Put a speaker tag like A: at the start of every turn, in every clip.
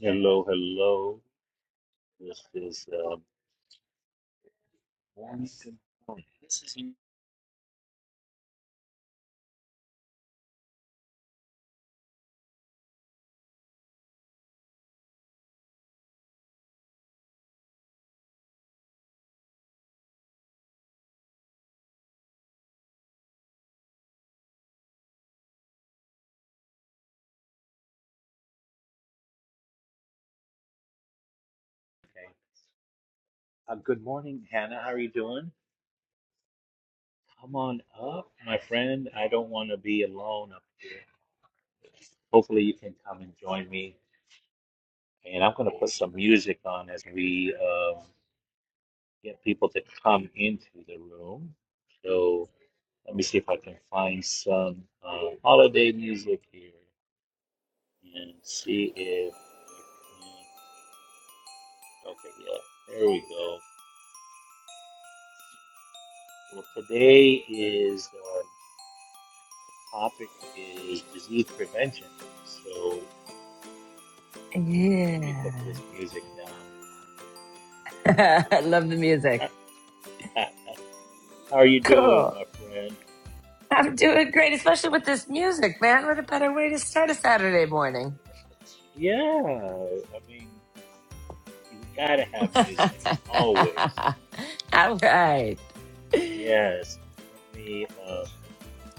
A: Hello, hello. This is uh, morning. Good morning. This is you. Okay. Uh, good morning, Hannah. How are you doing? Come on up, my friend. I don't want to be alone up here. Hopefully, you can come and join me. And I'm going to put some music on as we um, get people to come into the room. So let me see if I can find some uh, holiday music here and see if. Okay, yeah. There we go. Well, today is our topic is disease prevention. So let me put
B: Yeah.
A: this music down.
B: I love the music.
A: How are you doing,
B: Cool.
A: my friend?
B: I'm doing great, especially with this music, man. What a better way to start a Saturday morning.
A: Yeah, I mean, you gotta have music always.
B: All right.
A: Yes. Let me uh,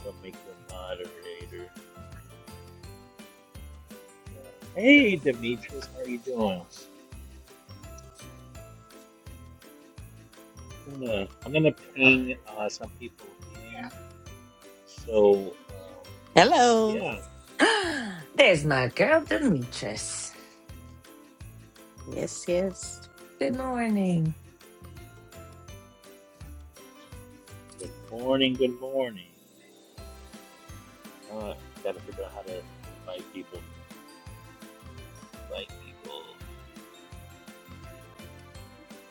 A: go make the moderator. Hey, Demetrius, how are you doing? I'm gonna, I'm gonna ping uh, some people in. So um,
C: Hello.
A: yeah.
B: There's my girl, Demetrius.
C: Yes, yes.
B: Good morning.
A: Good morning, good morning. Uh, gotta figure out how to invite people, invite people.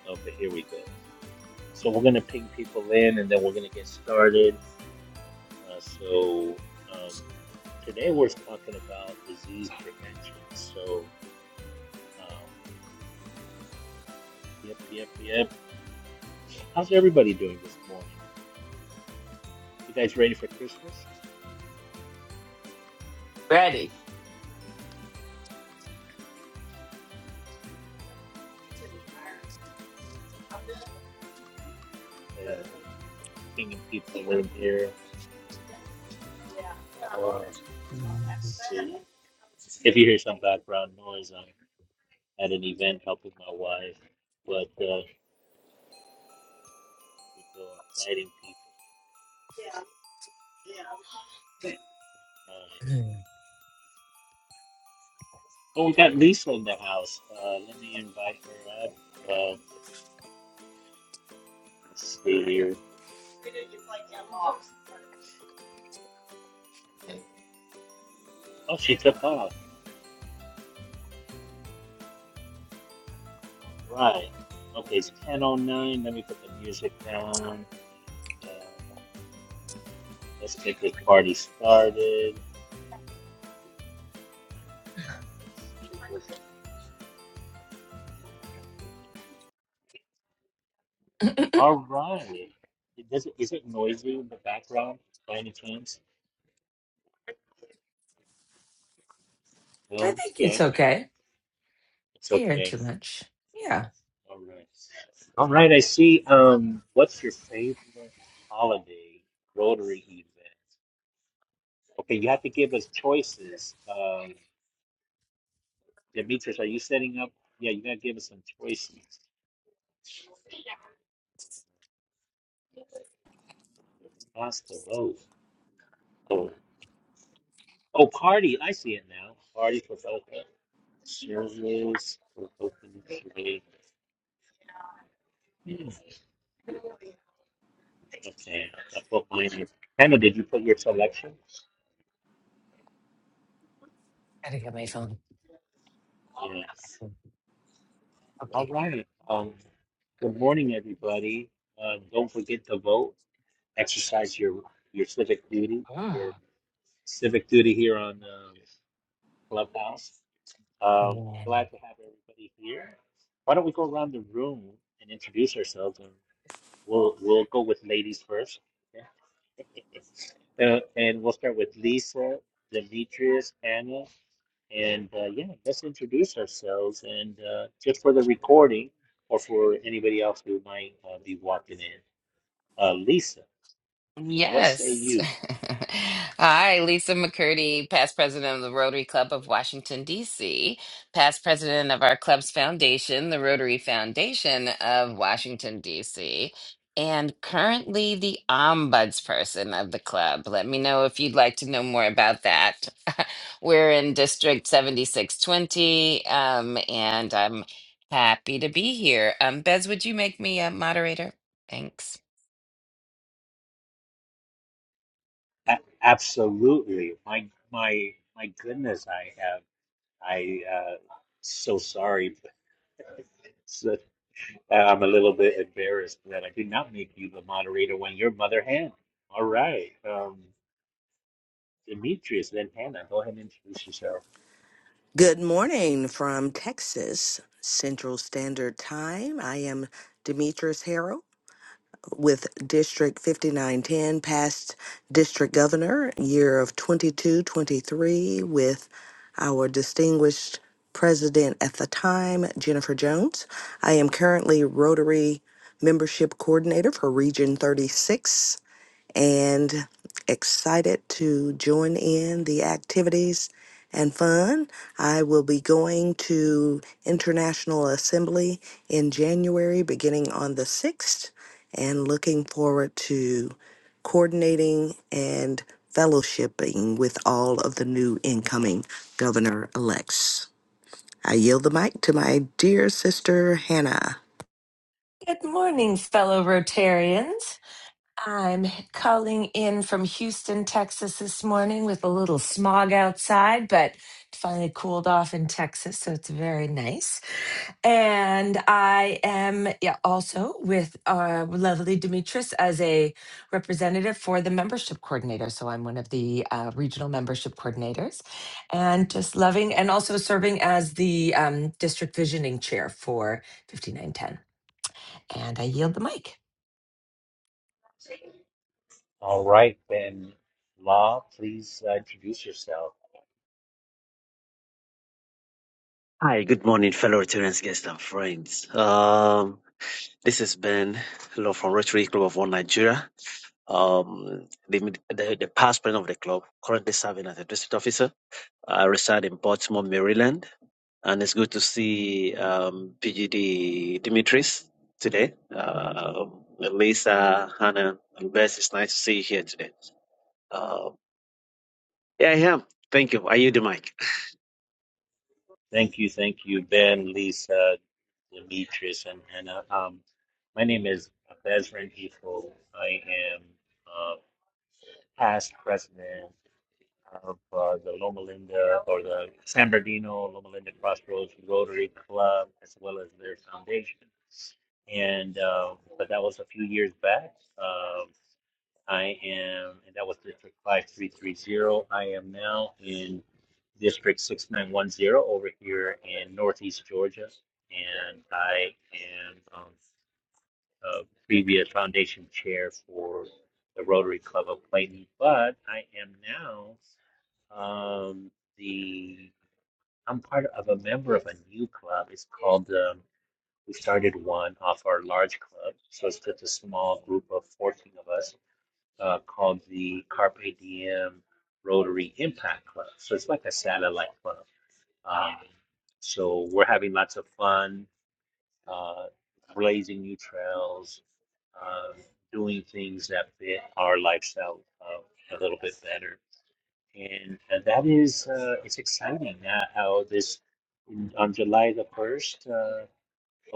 A: Okay, here we go. So we're gonna ping people in and then we're gonna get started. Uh, so um, today we're talking about disease prevention. So, um, yep, yep, yep. How's everybody doing this morning? You guys ready for Christmas?
B: Ready?
A: Uh, pinging people in here. Or
B: I
A: if you hear some background noise, I'm at an event helping my wife, but uh, it's uh, inviting people. Uh, oh, we got Lisa in the house. Uh, let me invite her up. Uh, let's see here. Oh, she took off. Right. Okay, it's 10.09. Let me put the music down. Uh, let's get this party started. All right. It does it, is it noisy in the background by any chance? No?
B: think
A: Yeah?
B: it's okay.
A: It's
B: I hear
A: okay.
B: too much. Yeah.
A: All right. All right. I see. Um, what's your favorite holiday Rotary event? Okay, you have to give us choices. Um, Demetrius, are you setting up? Yeah, you gotta give us some choices. Costa Rose. Oh, oh, party. I see it now. Party for Boca. Service for Boca. Hmm. Okay. That's what we need. Hannah, did you put your selection?
B: Gotta get my phone.
A: Yes. All
B: Okay.
A: right. Um, good morning, everybody. Uh, don't forget to vote. Exercise your your civic duty. Your
B: Ah.
A: civic duty here on um, Clubhouse. Um,
B: Yeah.
A: glad to have everybody here. Why don't we go around the room and introduce ourselves, and we'll we'll go with ladies first. okay? Uh, and we'll start with Lisa, Demetrius, Anna. And uh, yeah, let's introduce ourselves. And uh, just for the recording, or for anybody else who might uh, be walking in, uh, Lisa, what say
D: Yes.
A: you?
D: Hi, Lisa McCurdy, past president of the Rotary Club of Washington, D.C., past president of our club's foundation, the Rotary Foundation of Washington, D.C., and currently the ombudsperson of the club. Let me know if you'd like to know more about that. We're in District 7620, um, and I'm happy to be here. Um, Bez, would you make me a moderator? Thanks.
A: A- absolutely. My my my goodness, I have. I uh, so sorry, but it's, uh, I'm a little bit embarrassed that I did not make you the moderator when your mother hand. All right, um, Demetrius, then Hannah, go ahead and introduce yourself.
C: Good morning from Texas, Central Standard Time. I am Demetrius Harrell with District 5910, past District Governor, year of 2223, with our distinguished president at the time, Jennifer Jones. I am currently Rotary Membership Coordinator for Region 36 and excited to join in the activities and fun. I will be going to International Assembly in January, beginning on the 6th, and looking forward to coordinating and fellowshipping with all of the new incoming governor elects. I yield the mic to my dear sister, Hannah.
B: Good morning, fellow Rotarians. I'm calling in from Houston, Texas this morning with a little smog outside, but it finally cooled off in Texas, so it's very nice. And I am yeah, also with uh, lovely Demetris as a representative for the membership coordinator. So I'm one of the uh, regional membership coordinators and just loving and also serving as the um, district visioning chair for 5910. And I yield the mic.
A: All right, Ben Law, please uh, introduce yourself.
E: Hi, good morning, fellow Rotarians, guests, and friends. Um, this is Ben Hello from Rotary Club of One Nigeria. Um, the, the, the past president of the club, currently serving as a district officer. I reside in Baltimore, Maryland, and it's good to see um, PGD Dimitris today. Uh, Lisa, Hannah, and Bess, it's nice to see you here today. Uh, yeah, I am. Thank you. Are you the mic?
A: Thank you, thank you, Ben, Lisa, Demetrius, and Hannah. Um, my name is Bezran Ifo. I am uh, past president of uh, the Loma Linda or the San Bernardino Loma Linda Crossroads Rotary Club, as well as their foundation. And uh, but that was a few years back. Um, I am, and that was District 5330. I am now in District 6910 over here in Northeast Georgia. And I am um, a previous foundation chair for the Rotary Club of Clayton, but I am now um, the, I'm part of a member of a new club. It's called, um, we started one off our large club. So it's just a small group of 14 of us uh, called the Carpe Diem Rotary Impact Club. So it's like a satellite club. Um, so we're having lots of fun, uh, blazing new trails, uh, doing things that fit our lifestyle uh, a little bit better. And, and that is, uh, it's exciting that how this, on July the 1st, uh,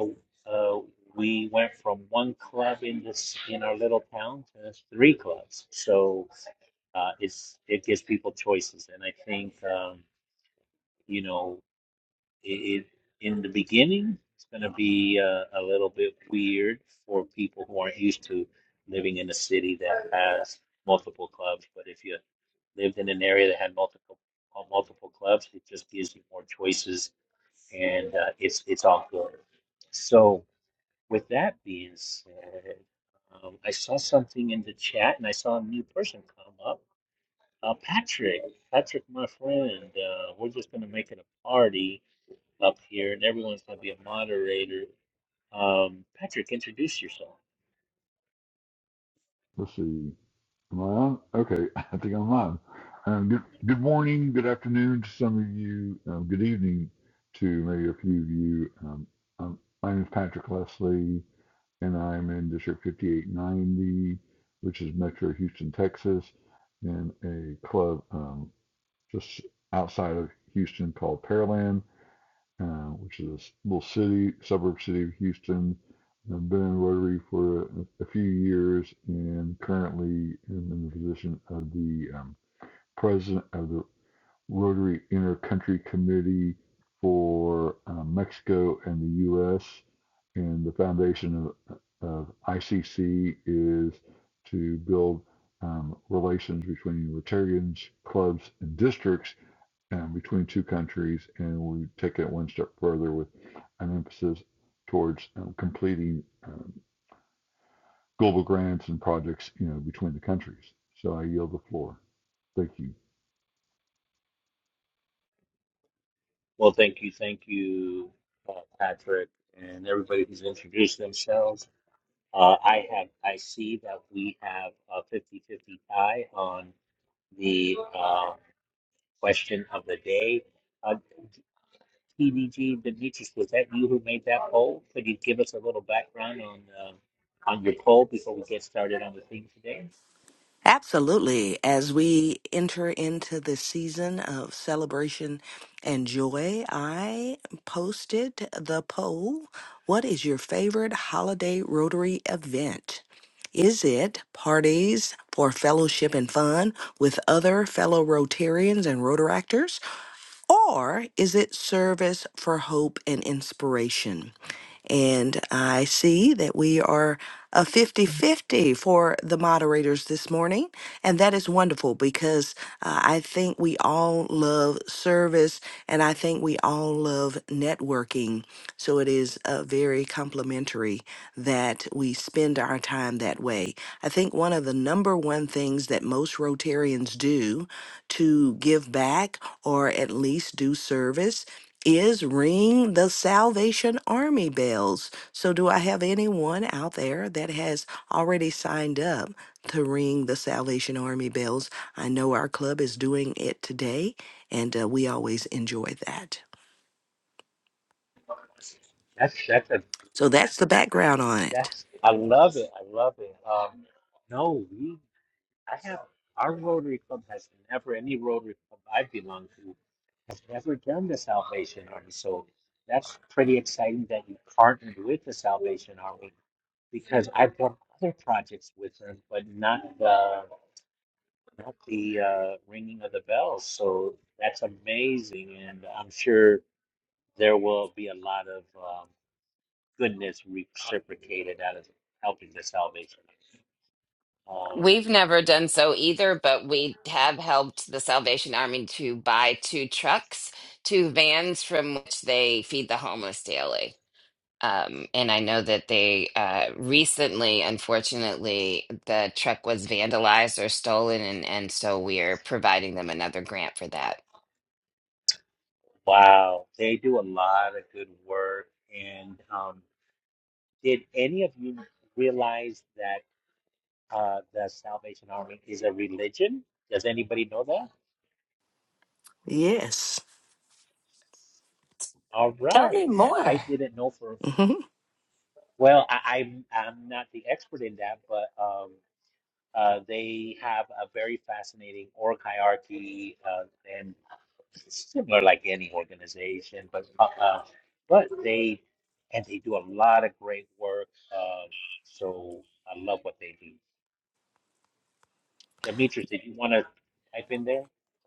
A: oh, uh, we went from one club in this in our little town to three clubs. So uh, it's it gives people choices, and I think um, you know it, it in the beginning it's going to be uh, a little bit weird for people who aren't used to living in a city that has multiple clubs. But if you lived in an area that had multiple uh, multiple clubs, it just gives you more choices, and uh, it's it's all good. So with that being said, um, I saw something in the chat, and I saw a new person come up. Uh, Patrick, Patrick, my friend, uh, we're just going to make it a party up here, and everyone's going to be a moderator. Um, Patrick, introduce yourself.
F: Let's see. Am I on? Okay, I think I'm on. Um, good, good morning, good afternoon to some of you, um, good evening to maybe a few of you. Um, um, my name is Patrick Leslie, and I'm in District 5890, which is Metro Houston, Texas, in a club um, just outside of Houston called Pearland uh, which is a little city, suburb city of Houston. I've been in Rotary for a, a few years and currently am in the position of the um, president of the Rotary Intercountry Committee for uh, Mexico and the U.S. And the foundation of, of ICC is to build um, relations between Rotarians, clubs, and districts um, between two countries, and we take it one step further with an emphasis towards um, completing um, global grants and projects, you know, between the countries. So I yield the floor. Thank you.
A: Well, thank you, thank you, uh, Patrick, and everybody who's introduced themselves. Uh, I have, I see that we have a fifty-fifty tie on the uh, question of the day. Uh, TVG Demetrius, was that you who made that poll? Could you give us a little background on um on your poll before we get started on the theme today?
C: Absolutely. As we enter into the season of celebration and joy, I posted the poll What is your favorite holiday Rotary event? Is it parties for fellowship and fun with other fellow Rotarians and Rotaractors? Or is it service for hope and inspiration? And I see that we are a fifty-fifty for the moderators this morning. And that is wonderful because uh, I think we all love service and I think we all love networking. So it is uh, very complimentary that we spend our time that way. I think one of the number one things that most Rotarians do to give back or at least do service is ring the Salvation Army bells. So, do I have anyone out there that has already signed up to ring the Salvation Army bells? I know our club is doing it today, and uh, we always enjoy that.
A: That's that's a
C: So, that's the background on it.
A: that's I love it. I love it. Um, no, we I have our Rotary Club has never any Rotary Club I've belonged to has never done the Salvation Army. So that's pretty exciting that you partnered with the Salvation Army because I've done other projects with them, but not the about the uh, ringing of the bells. So that's amazing, and I'm sure there will be a lot of um, goodness reciprocated out of helping the salvation. Um,
D: We've never done so either, but we have helped the Salvation Army to buy two trucks, two vans from which they feed the homeless daily. Um, and I know that they uh, recently, unfortunately, the truck was vandalized or stolen, and, and so we're providing them another grant for that.
A: wow, they do a lot of good work. And um, did any of you realize that uh, the Salvation Army is a religion? Does anybody know that?
C: Yes.
A: All
B: Tell me
A: right,
B: more.
A: I didn't know for
C: hmm
A: well. I, I'm I'm not the expert in that, but um, Uh, they have a very fascinating org hierarchy uh, and similar like any organization, but uh, uh, but they and they do a lot of great work. Um, so I love what they do. Demetrius, did you want to type in there?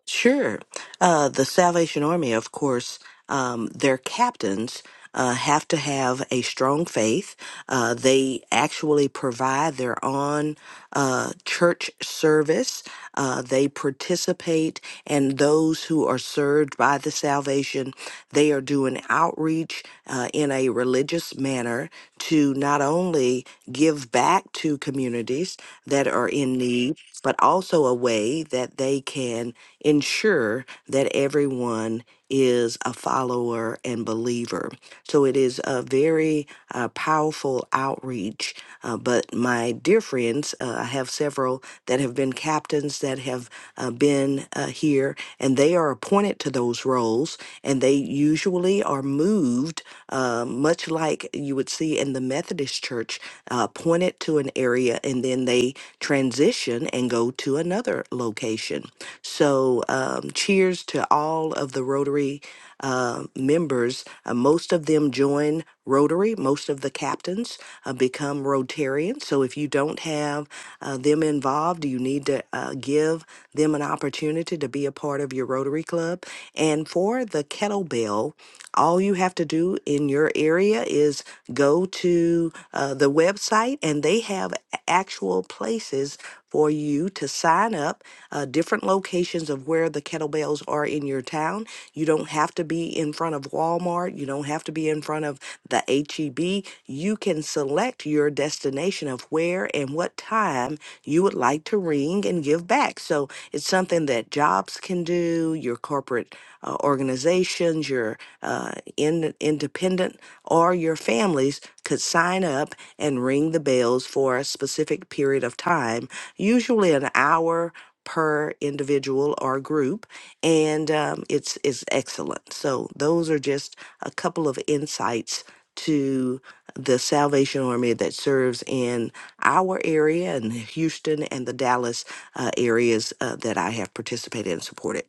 C: Sure. Uh, the Salvation Army, of course, um, their captains. Uh, have to have a strong faith. Uh, they actually provide their own uh, church service. Uh, they participate, and those who are served by the salvation, they are doing outreach uh, in a religious manner to not only give back to communities that are in need, but also a way that they can ensure that everyone is a follower and believer. So it is a very uh, powerful outreach. Uh, but my dear friends, uh, I have several that have been captains that have uh, been uh, here, and they are appointed to those roles, and they usually are moved uh, much like you would see in the Methodist Church, uh, pointed to an area and then they transition and go to another location. So, um, cheers to all of the Rotary uh, members. Uh, most of them join Rotary, most of the captains uh, become Rotarians. So, if you don't have uh, them involved, you need to uh, give them an opportunity to be a part part of your Rotary Club. And for the kettlebell, all you have to do in your area is go to uh, the website, and they have actual places for you to sign up, uh, different locations of where the kettlebells are in your town. You don't have to be in front of Walmart, you don't have to be in front of the HEB. You can select your destination of where and what time time you would like to ring and give back. So it's something that jobs can do, your corporate uh, organizations, your uh, in, independent, or your families could sign up and ring the bells for a specific period of time, usually an hour per individual or group and um, it's it's excellent so those are just a couple of insights to the Salvation Army that serves in our area and Houston and the Dallas uh, areas uh, that I have participated and supported.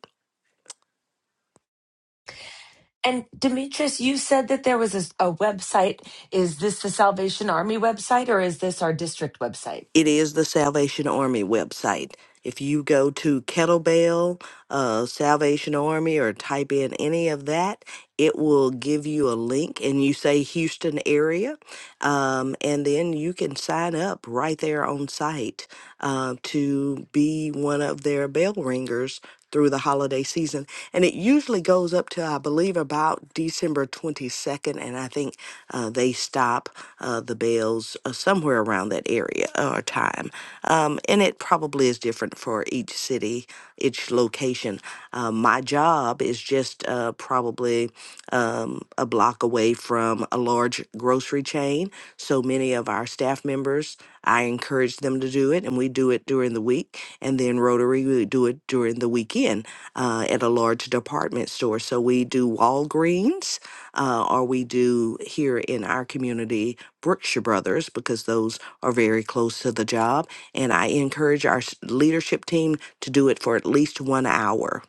B: And Demetrius, you said that there was a a website. Is this the Salvation Army website or is this our district website?
C: It is the Salvation Army website. If you go to Kettlebell, uh, Salvation Army, or type in any of that, it will give you a link and you say Houston area. Um, and then you can sign up right there on site uh, to be one of their bell ringers through the holiday season. And it usually goes up to, I believe, about December 22nd. And I think uh, they stop uh, the bells uh, somewhere around that area or time. Um, and it probably is different for each city, each location. Uh, my job is just uh, probably um, a block away from a large grocery chain. So many of our staff members, I encourage them to do it, and we do it during the week. And then Rotary, we do it during the weekend uh, at a large department store. So we do Walgreens, uh, or we do here in our community Brookshire Brothers, because those are very close to the job. And I encourage our s- leadership team to do it for at least one hour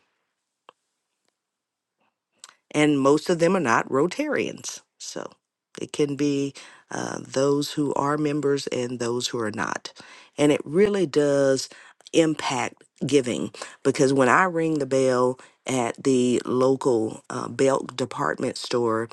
C: and most of them are not Rotarians. So it can be uh, those who are members and those who are not. And it really does impact giving because when I ring the bell at the local uh, belt department store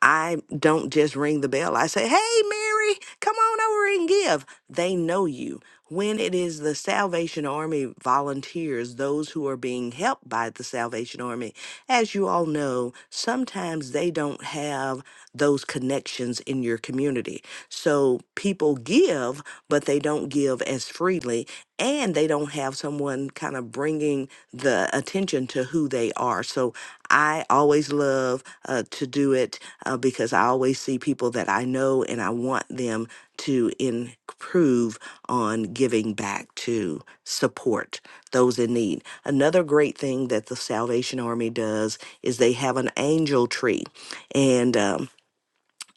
C: I don't just ring the bell. I say, hey, Mary, come on over and give. They know you. When it is the Salvation Army volunteers, those who are being helped by the Salvation Army, as you all know, sometimes they don't have those connections in your community. So people give, but they don't give as freely, and they don't have someone kind of bringing the attention to who they are. So I always love uh, to do it uh, because I always see people that I know and I want them to improve on giving back to support those in need. Another great thing that the Salvation Army does is they have an angel tree. And um,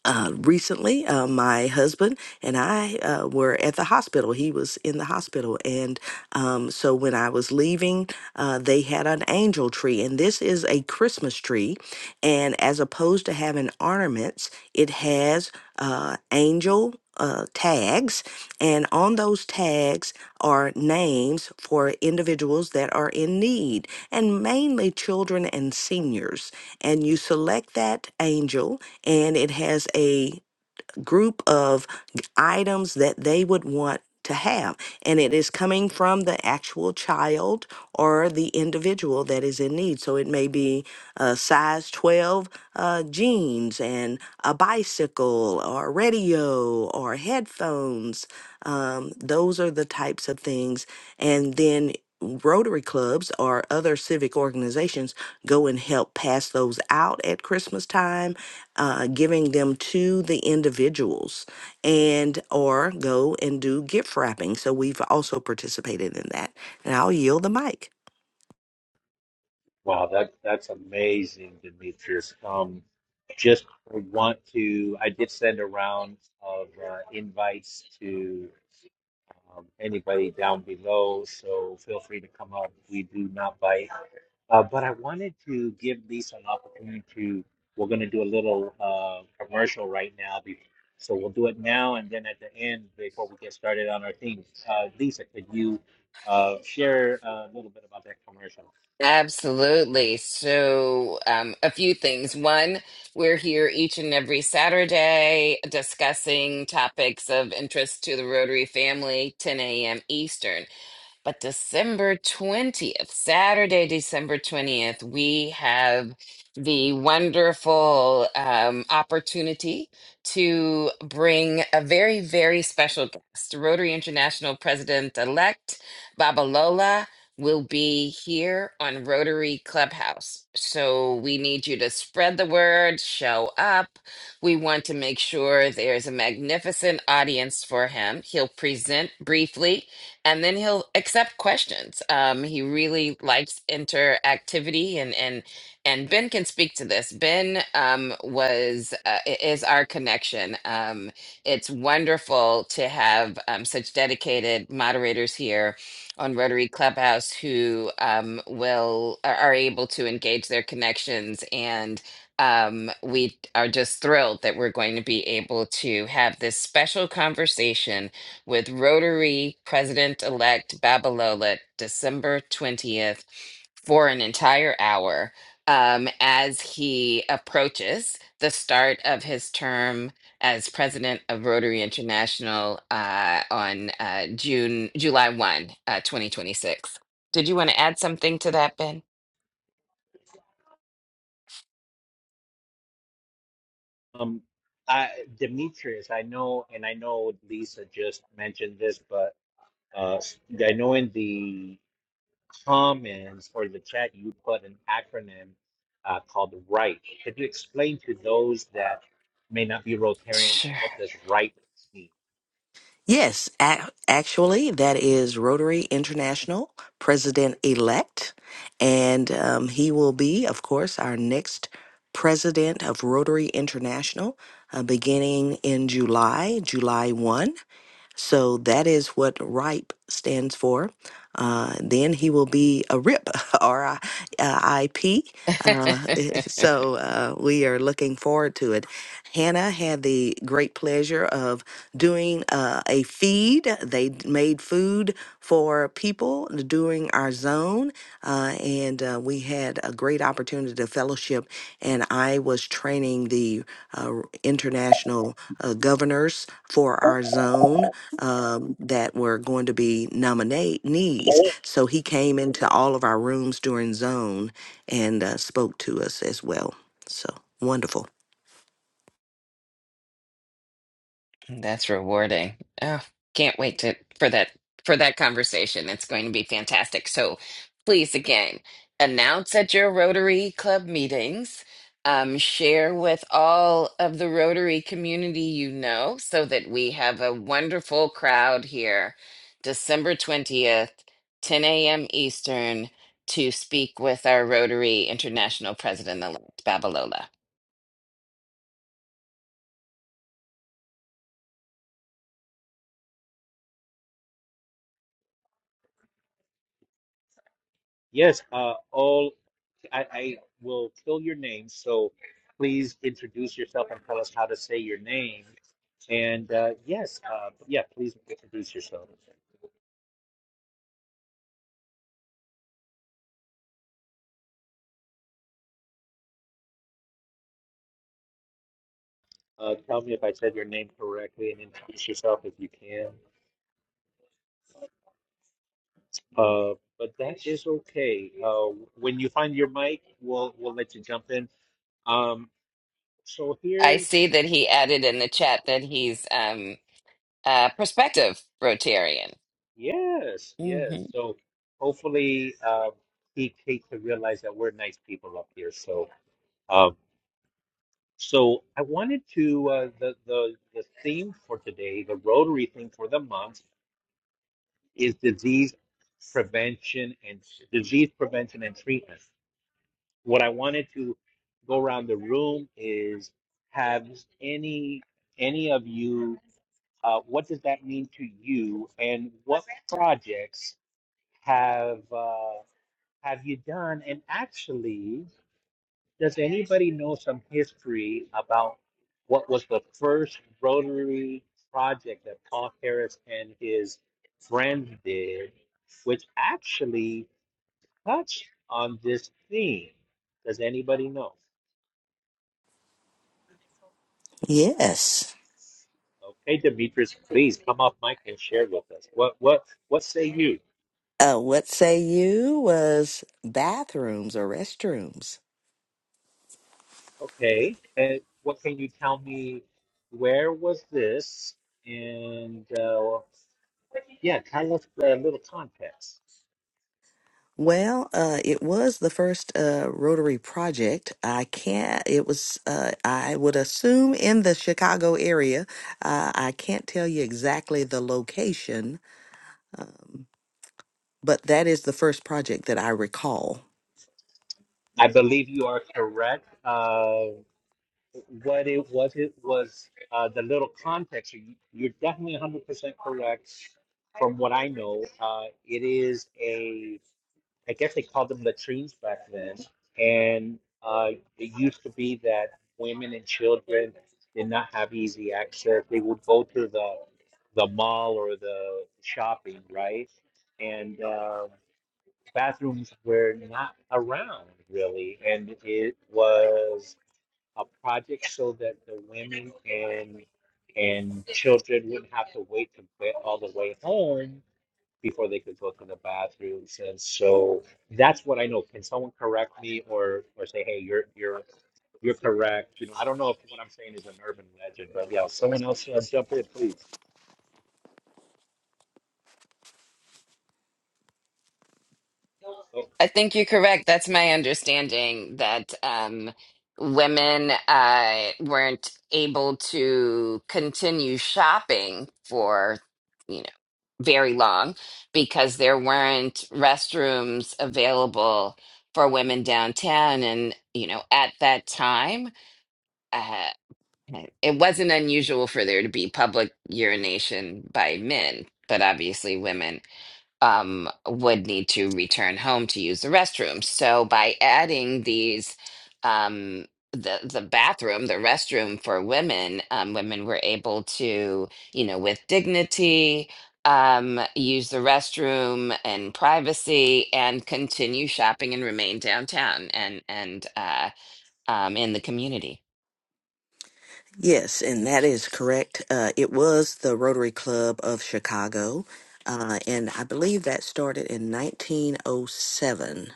C: uh, recently, uh, my husband and I uh, were at the hospital. He was in the hospital. And um, so when I was leaving, uh, they had an angel tree. And this is a Christmas tree. And as opposed to having ornaments, it has uh, angel. Uh, tags and on those tags are names for individuals that are in need and mainly children and seniors and you select that angel and it has a group of items that they would want to have. And it is coming from the actual child or the individual that is in need. So it may be a size 12 uh, jeans and a bicycle or radio or headphones. Um, those are the types of things. And then Rotary clubs or other civic organizations go and help pass those out at Christmas time uh, giving them to the individuals and or go and do gift wrapping so we've also participated in that and i'll yield the mic
A: Wow, that that's amazing, Demetrius. Um, just want to I did send a round of uh, invites to um, anybody down below, so feel free to come up. We do not bite. Uh, but I wanted to give Lisa an opportunity to, we're going to do a little uh, commercial right now. be- So we'll do it now and then at the end, before we get started on our theme. Uh, Lisa, could you uh, share a little bit about that commercial?
D: Absolutely. So, um, a few things. One, we're here each and every Saturday discussing topics of interest to the Rotary family, 10 a.m. Eastern. But December 20th, Saturday, December 20th, we have the wonderful um, opportunity to bring a very, very special guest. Rotary International President elect Babalola will be here on Rotary Clubhouse. So we need you to spread the word, show up. We want to make sure there's a magnificent audience for him. He'll present briefly and then he'll accept questions. Um, he really likes interactivity, and and and Ben can speak to this. Ben um, was uh, i- is our connection. Um, it's wonderful to have um, such dedicated moderators here on Rotary Clubhouse who um, will are, are able to engage their connections and. Um, we are just thrilled that we're going to be able to have this special conversation with Rotary President elect Babalola December 20th for an entire hour um, as he approaches the start of his term as president of Rotary International uh, on uh, June, July 1, uh, 2026. Did you want to add something to that, Ben?
A: Um, I, Demetrius, I know, and I know Lisa just mentioned this, but uh, I know in the comments or the chat, you put an acronym uh, called RIGHT. Could you explain to those that may not be Rotarians
D: Sure.
A: what does RIGHT mean?
C: yes a- actually that is rotary international president-elect and um, he will be of course our next president of rotary international uh, beginning in july july 1 So that is what RIPE stands for. Uh, then he will be a RIP, R-I-P. Uh, I P. Uh, so uh, we are looking forward to it. Hannah had the great pleasure of doing uh, a feed. They d- made food for people during our zone, uh, and uh, we had a great opportunity to fellowship. And I was training the uh, international uh, governors for our zone um, that were going to be nominees. So he came into all of our rooms during zone and uh, spoke to us as well. So wonderful.
D: That's rewarding. Oh, can't wait to for that for that conversation. It's going to be fantastic. So please again, announce at your Rotary Club meetings. Um, share with all of the Rotary community you know so that we have a wonderful crowd here December 20th, 10 a.m. Eastern, to speak with our Rotary International President-elect Babalola.
A: Yes, uh, all I, I will fill your name, so please introduce yourself and tell us how to say your name. And uh, yes, uh, yeah, please introduce yourself. Uh, tell me if I said your name correctly and introduce yourself if you can. Uh, but that is okay. Uh, when you find your mic, we'll we'll let you jump in Um, so
D: I see
A: here's
D: that he added in the chat that he's um uh, prospective Rotarian.
A: yes, yes.
D: hmm
A: So hopefully uh, he came to realize that we're nice people up here. So um, so I wanted to uh, the the the theme for today, the Rotary theme for the month is disease prevention and disease prevention and treatment. What I wanted to go around the room is have any any of you uh, what does that mean to you and what projects have uh, have you done? And actually, does anybody know some history about what was the first Rotary project that Paul Harris and his friends did, which actually touched on this theme? Does anybody know?
C: Yes.
A: Okay, Demetrius, please come off mic and share with us. What what what say you?
C: Uh, what say you was bathrooms or restrooms?
A: Okay, and what can you tell me? Where was this? And uh, yeah, kind of a little context.
C: Well, uh, it was the first uh, Rotary project. I can't, it was, uh, I would assume in the Chicago area. Uh, I can't tell you exactly the location, um, but that is the first project that I recall.
A: I believe you are correct. Uh, what it was, it was uh, the little context. You- You're definitely 100% correct. From what I know, uh, it is I guess they called them latrines back then. And uh, it used to be that women and children did not have easy access. They would go to the the mall or the shopping, right? And uh, bathrooms were not around really, and it was a project so that the women and and children wouldn't have to wait to get all the way home before they could go to the bathrooms. And so that's what I know. Can someone correct me or or say, hey, you're you're you're correct. You know, I don't know if what I'm saying is an urban legend, but yeah, someone else uh, jump in, please. Oh,
D: I think you're correct. That's my understanding that um, women uh, weren't able to continue shopping for, you know, very long because there weren't restrooms available for women downtown. And, you know, at that time, uh, it wasn't unusual for there to be public urination by men, but obviously women um, would need to return home to use the restroom. So by adding these, um, the the bathroom, the restroom for women, um, women were able to, you know, with dignity, um, use the restroom and privacy, and continue shopping and remain downtown and and uh, um, in the community.
C: Yes, and that is correct. Uh, it was the Rotary Club of Chicago, uh, and I believe that started in 1907.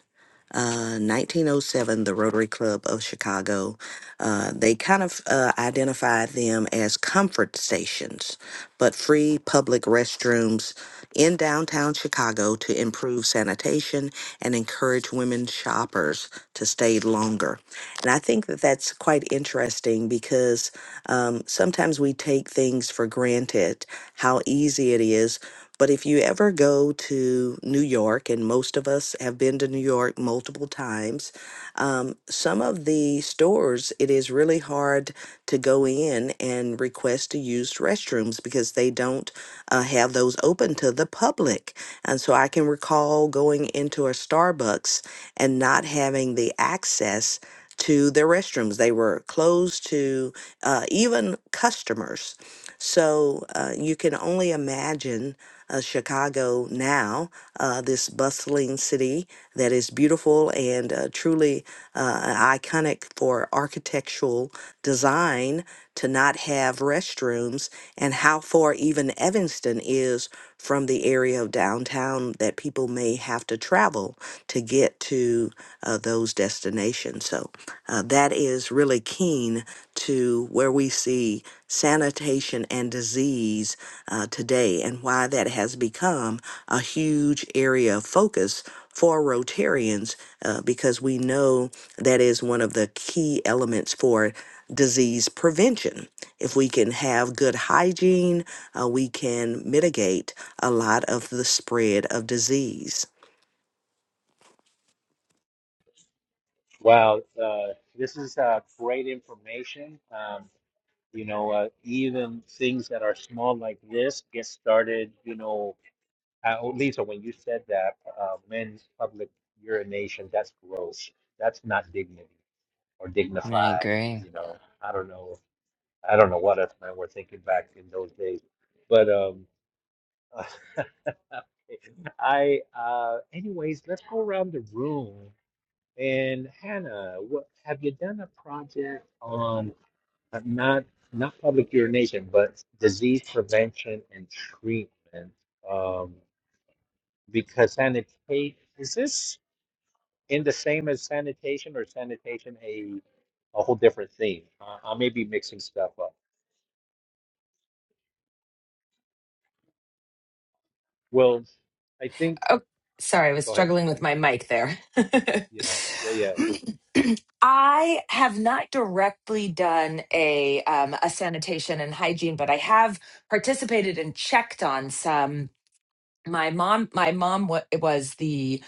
C: Uh, 1907, the Rotary Club of Chicago. Uh, they kind of uh, identified them as comfort stations, but free public restrooms in downtown Chicago to improve sanitation and encourage women shoppers to stay longer. And I think that that's quite interesting because um, sometimes we take things for granted, how easy it is. But if you ever go to New York, and most of us have been to New York multiple times, um, some of the stores, it is really hard to go in and request to use restrooms because they don't uh, have those open to the public. And so so I can recall going into a Starbucks and not having the access to their restrooms. They were closed to uh, even customers. So uh, you can only imagine uh, Chicago now, uh, this bustling city that is beautiful and uh, truly uh, iconic for architectural design to not have restrooms and how far even Evanston is from the area of downtown that people may have to travel to get to uh, those destinations. So uh, that is really keen to where we see sanitation and disease uh, today and why that has become a huge area of focus for Rotarians uh, because we know that is one of the key elements for disease prevention. If we can have good hygiene, uh, we can mitigate a lot of the spread of disease.
A: wow, uh, this is uh, great information. Um, you know, uh, even things that are small like this get started. You know, uh, oh, Lisa, when you said that uh, men's public urination, that's gross. That's not dignity. or
D: I
A: dignified.
D: agree.
A: You know, I don't know. I don't know what us men were thinking back in those days, but um, I uh, anyways, let's go around the room. And Hannah, what have you done a project on uh, not not public urination, but disease prevention and treatment? Um, because sanitation is this in the same as sanitation or sanitation a a whole different thing. Uh, I may be mixing stuff up. Well, I think.
B: Oh, sorry, I was
A: Go ahead.
B: struggling with my mic there.
A: Yeah, yeah, yeah.
B: I have not directly done a um, a sanitation and hygiene, but I have participated and checked on some my mom my mom wa- was the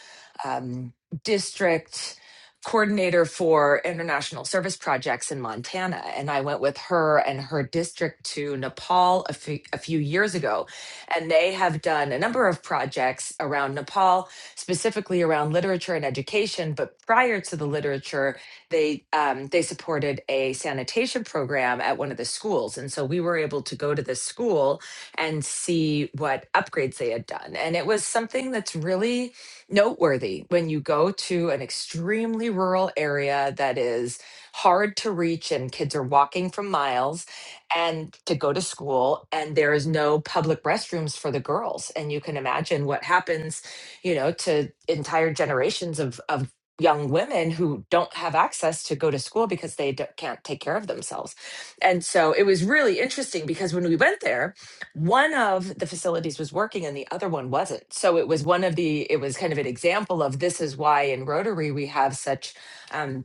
B: um, district coordinator for international service projects in montana and i went with her and her district to nepal a fe- a few years ago and they have done a number of projects around nepal specifically around literature and education but prior to the literature they um, they supported a sanitation program at one of the schools and so we were able to go to this school and see what upgrades they had done. And it was something that's really noteworthy when you go to an extremely rural area that is hard to reach and kids are walking from miles and to go to school and there is no public restrooms for the girls and you can imagine what happens you know to entire generations of of young women who don't have access to go to school because they d- can't take care of themselves and so it was really interesting because when we went there one of the facilities was working and the other one wasn't so it was one of the it was kind of an example of this is why in rotary we have such um,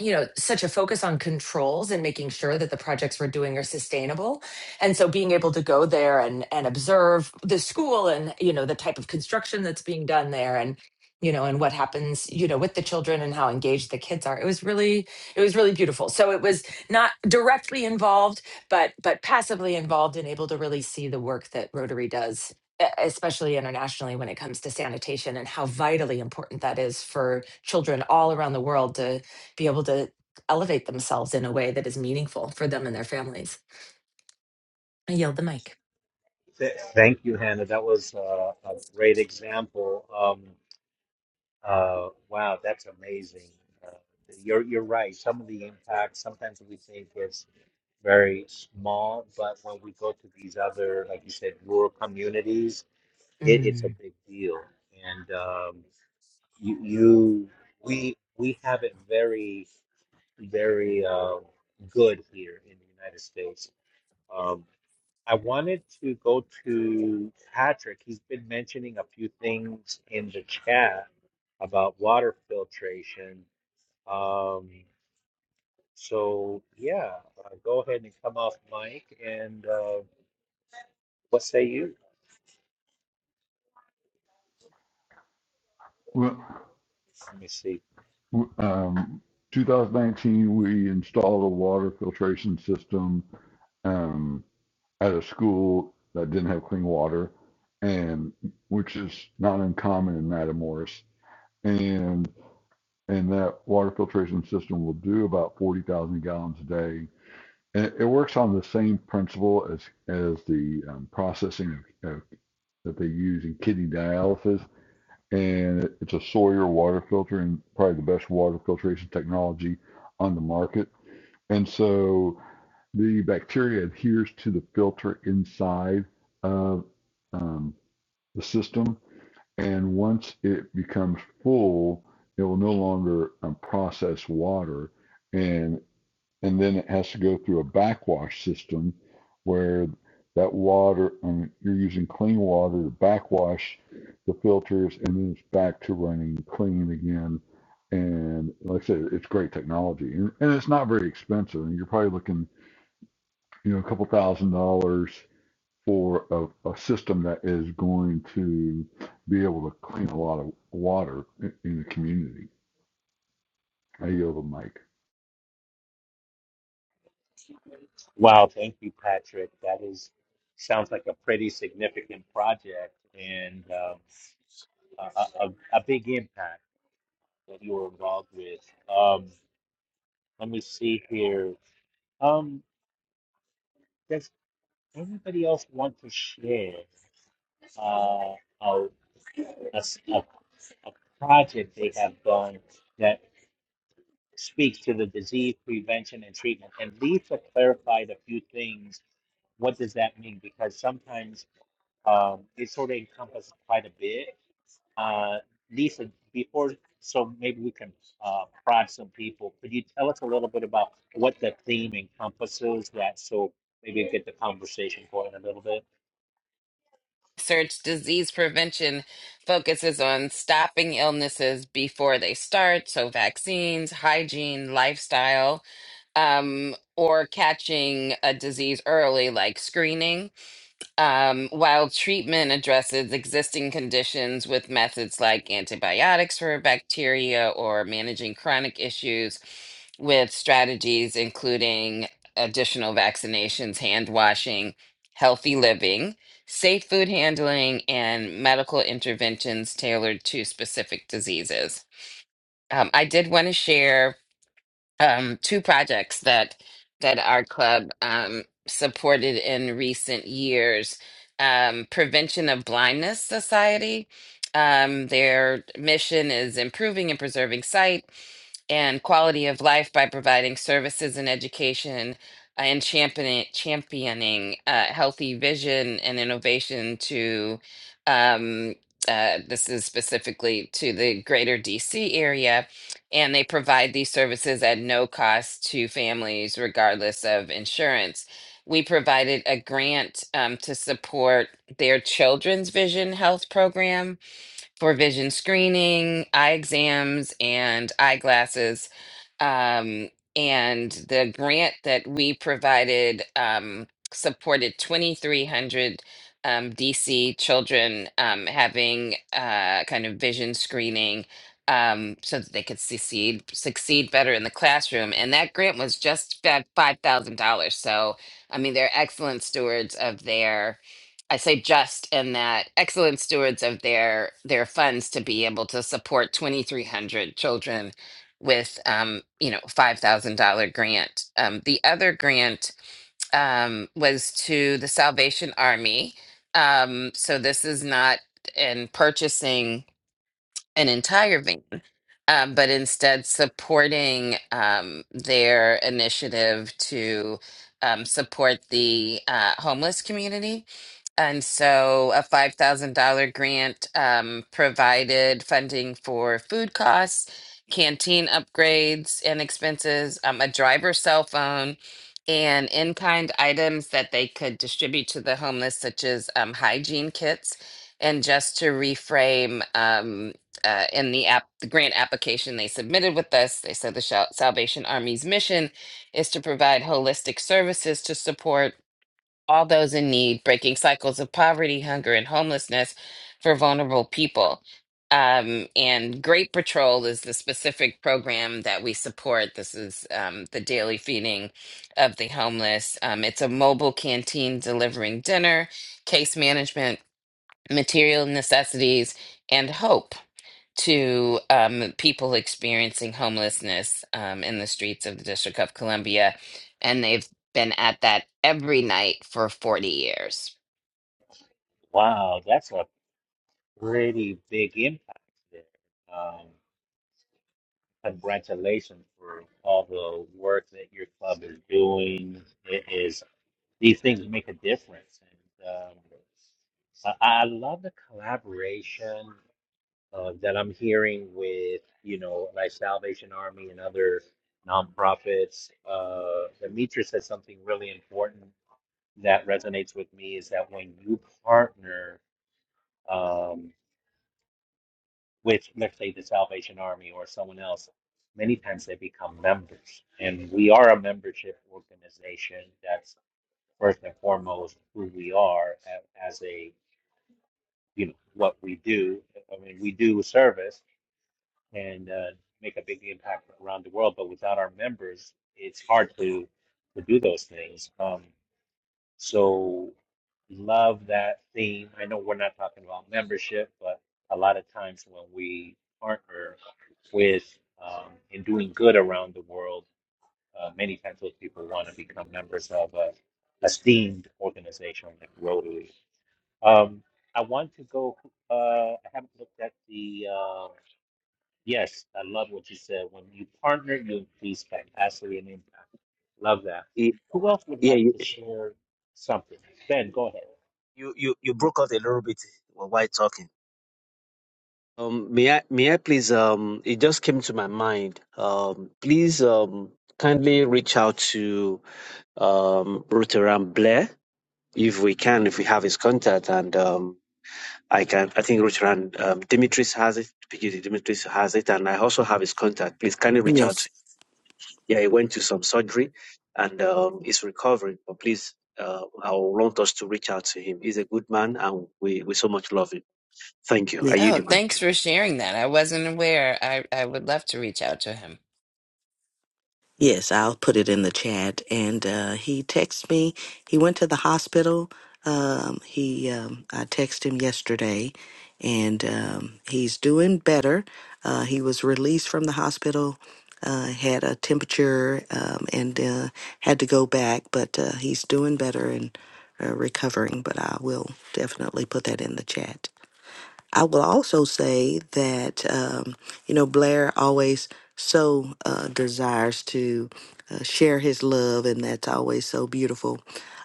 B: you know such a focus on controls and making sure that the projects we're doing are sustainable and so being able to go there and and observe the school and you know the type of construction that's being done there and you know and what happens you know with the children and how engaged the kids are it was really it was really beautiful so it was not directly involved but but passively involved and able to really see the work that rotary does e- especially internationally when it comes to sanitation and how vitally important that is for children all around the world to be able to elevate themselves in a way that is meaningful for them and their families. I yield the mic.
A: Th- thank you, Hannah. That was uh, a great example. Um, uh, wow, that's amazing. Uh, you're you're right. Some of the impacts sometimes we think is very small, but when we go to these other, like you said, rural communities, it, it's a
B: Mm.
A: big deal. And um, you, you we we have it very very um, good here in the United States. Um, I wanted to go to Patrick. He's been mentioning a few things in the chat about water filtration. Um, so yeah, uh, go ahead and come off mic and uh, what say you?
F: Well,
A: Let me see.
F: um, 2019, we installed a water filtration system um, at a school that didn't have clean water, and which is not uncommon in Matamoros. And and that water filtration system will do about 40,000 gallons a day. And it, works on the same principle as as the um, processing of, of, that they use in kidney dialysis, and it's a Sawyer water filter and probably the best water filtration technology on the market. And so the bacteria adheres to the filter inside of um, the system and once it becomes full, it will no longer um, process water. And, and then it has to go through a backwash system where that water, um, you're using clean water to backwash the filters and then it's back to running clean again. And like I said, it's great technology and, and it's not very expensive. And you're probably looking, you know, a couple thousand dollars for a, a system that is going to be able to clean a lot of water in, in the community. I yield the mic.
A: Wow, thank you, Patrick. That is sounds like a pretty significant project and. um, a, a, a big impact that you were involved with. Um, let me see here. Um, does anybody else want to share uh, a, a s- a- a project they have done that speaks to the disease prevention and treatment? And Lisa clarified a few things. What does that mean? Because sometimes um, it sort of encompasses quite a bit. Uh, Lisa, before, so maybe we can uh, prod some people. Could you tell us a little bit about what the theme encompasses? That so maybe get the conversation going a little bit.
D: Research disease prevention focuses on stopping illnesses before they start, so vaccines, hygiene, lifestyle, um, or catching a disease early, like screening. Um, while treatment addresses existing conditions with methods like antibiotics for bacteria or managing chronic issues with strategies including additional vaccinations, hand washing, healthy living, safe food handling, and medical interventions tailored to specific diseases. Um, I did want to share um, two projects that that our club um, supported in recent years. Um, Prevention of Blindness Society. Um, their mission is improving and preserving sight and quality of life by providing services and education uh, and championing, championing uh, healthy vision and innovation to um, uh, this is specifically to the greater DC area. And they provide these services at no cost to families, regardless of insurance. We provided a grant um, to support their children's vision health program for vision screening, eye exams, and eyeglasses. Um, and the grant that we provided um, supported 2,300 um, DC children um, having uh, kind of vision screening um, so that they could succeed succeed better in the classroom. And that grant was just about $5,000. So, I mean, they're excellent stewards of their I say just in that excellent stewards of their their funds to be able to support 2,300 children with um, you know five thousand dollar grant. Um, the other grant um, was to the Salvation Army. Um, so this is not in purchasing an entire van, um, but instead supporting um, their initiative to um, support the uh, homeless community and so a $5,000 grant um, provided funding for food costs, canteen upgrades and expenses, um, a driver's cell phone, and in kind items that they could distribute to the homeless, such as um, hygiene kits. And just to reframe, um, uh, in the app, the grant application they submitted with us, they said the Shal- Salvation Army's mission is to provide holistic services to support all those in need, breaking cycles of poverty, hunger, and homelessness for vulnerable people. Um, and Great Patrol is the specific program that we support. This is um, the daily feeding of the homeless. Um, it's a mobile canteen delivering dinner, case management, material necessities, and hope to um, people experiencing homelessness um, in the streets of the District of Columbia. And they've been at that every night for 40 years.
A: Wow, that's a pretty big impact there. Um, congratulations for all the work that your club is doing. It is these things make a difference, and um, I, I love the collaboration uh, that I'm hearing with, you know, like Salvation Army and other nonprofits. Uh, Demetra said something really important that resonates with me is that when you partner um, with, let's say, the Salvation Army or someone else, many times they become members. And we are a membership organization. That's first and foremost who we are a- as a, you know, what we do. I mean, we do service and uh, make a big impact around the world. But without our members, it's hard to to do those things. Um, so love that theme. I know we're not talking about membership, but a lot of times when we partner with um, in doing good around the world, uh, many times those people want to become members of a esteemed organization like Rotary. Um, I want to go. Uh, I haven't looked at the. um, Yes, I love what you said. When you partner, you increase capacity and impact. Love that.
E: Y-
A: Who else would
E: Yeah,
A: like
E: you,
A: to share something? Ben, go ahead.
E: you, you you broke out a little bit while talking. Um, may I, may I please, um, it just came to my mind. Um, please, um, kindly reach out to, um, Ruteran Blair if we can, if we have his contact. And, um, I can, I think Ruteran, um, Dimitris has it, PGD Dimitris has it. And I also have his contact. Please kindly reach out.
C: Yes.
E: Yeah, he went to some surgery and, um, is recovering, but please, uh, I want us to reach out to him. He's a good man and we, we so much love him. Thank you.
C: Yeah.
E: Are you
D: Oh,
E: the man?
D: thanks for sharing that. I wasn't aware. I, I would love to reach out to him.
C: Yes, I'll put it in the chat. And uh, he texted me. He went to the hospital. Um, he, um, I texted him yesterday, and um, he's doing better. Uh, he was released from the hospital. Uh, had a temperature um, and uh, had to go back, but uh, he's doing better and uh, recovering. But I will definitely put that in the chat. I will also say that, um, you know, Blair always so uh, desires to uh, share his love, and that's always so beautiful.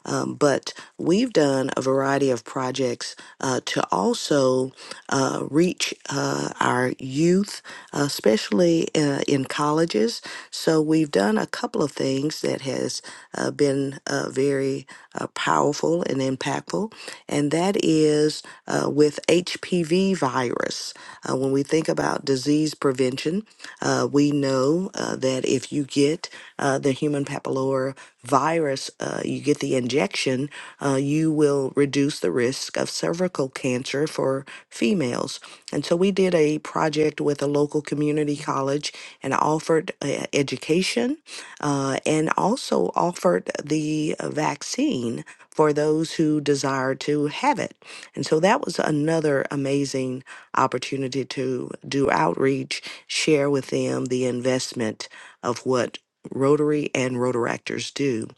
C: Um, but we've done a variety of projects uh, to also uh, reach uh, our youth, uh, especially uh, in colleges. So we've done a couple of things that has uh, been uh, very uh, powerful and impactful, and that is uh, with HPV virus. Uh, when we think about disease prevention, uh, we know uh, that if you get uh, the human papillora virus, uh, you get the injection, uh, you will will reduce the risk of cervical cancer for females. And so we did a project with a local community college and offered uh, education uh, and also offered the uh, vaccine for those who desire to have it. And so that was another amazing opportunity to do outreach, share with them the investment of what Rotary and Rotaractors do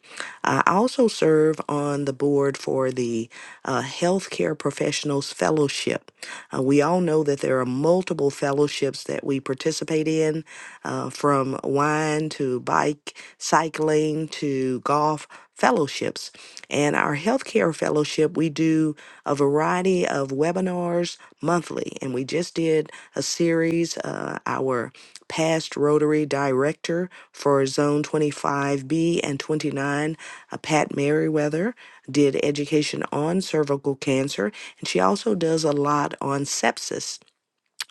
C: I also serve on the board for the uh, Healthcare Professionals Fellowship. Uh, we all know that there are multiple fellowships that we participate in, uh, from wine to bike, cycling to golf fellowships. And our healthcare fellowship, we do a variety of webinars monthly. And we just did a series, uh, our past Rotary Director for Zone 25B and 29 uh, Pat Merriweather did education on cervical cancer, and she also does a lot on sepsis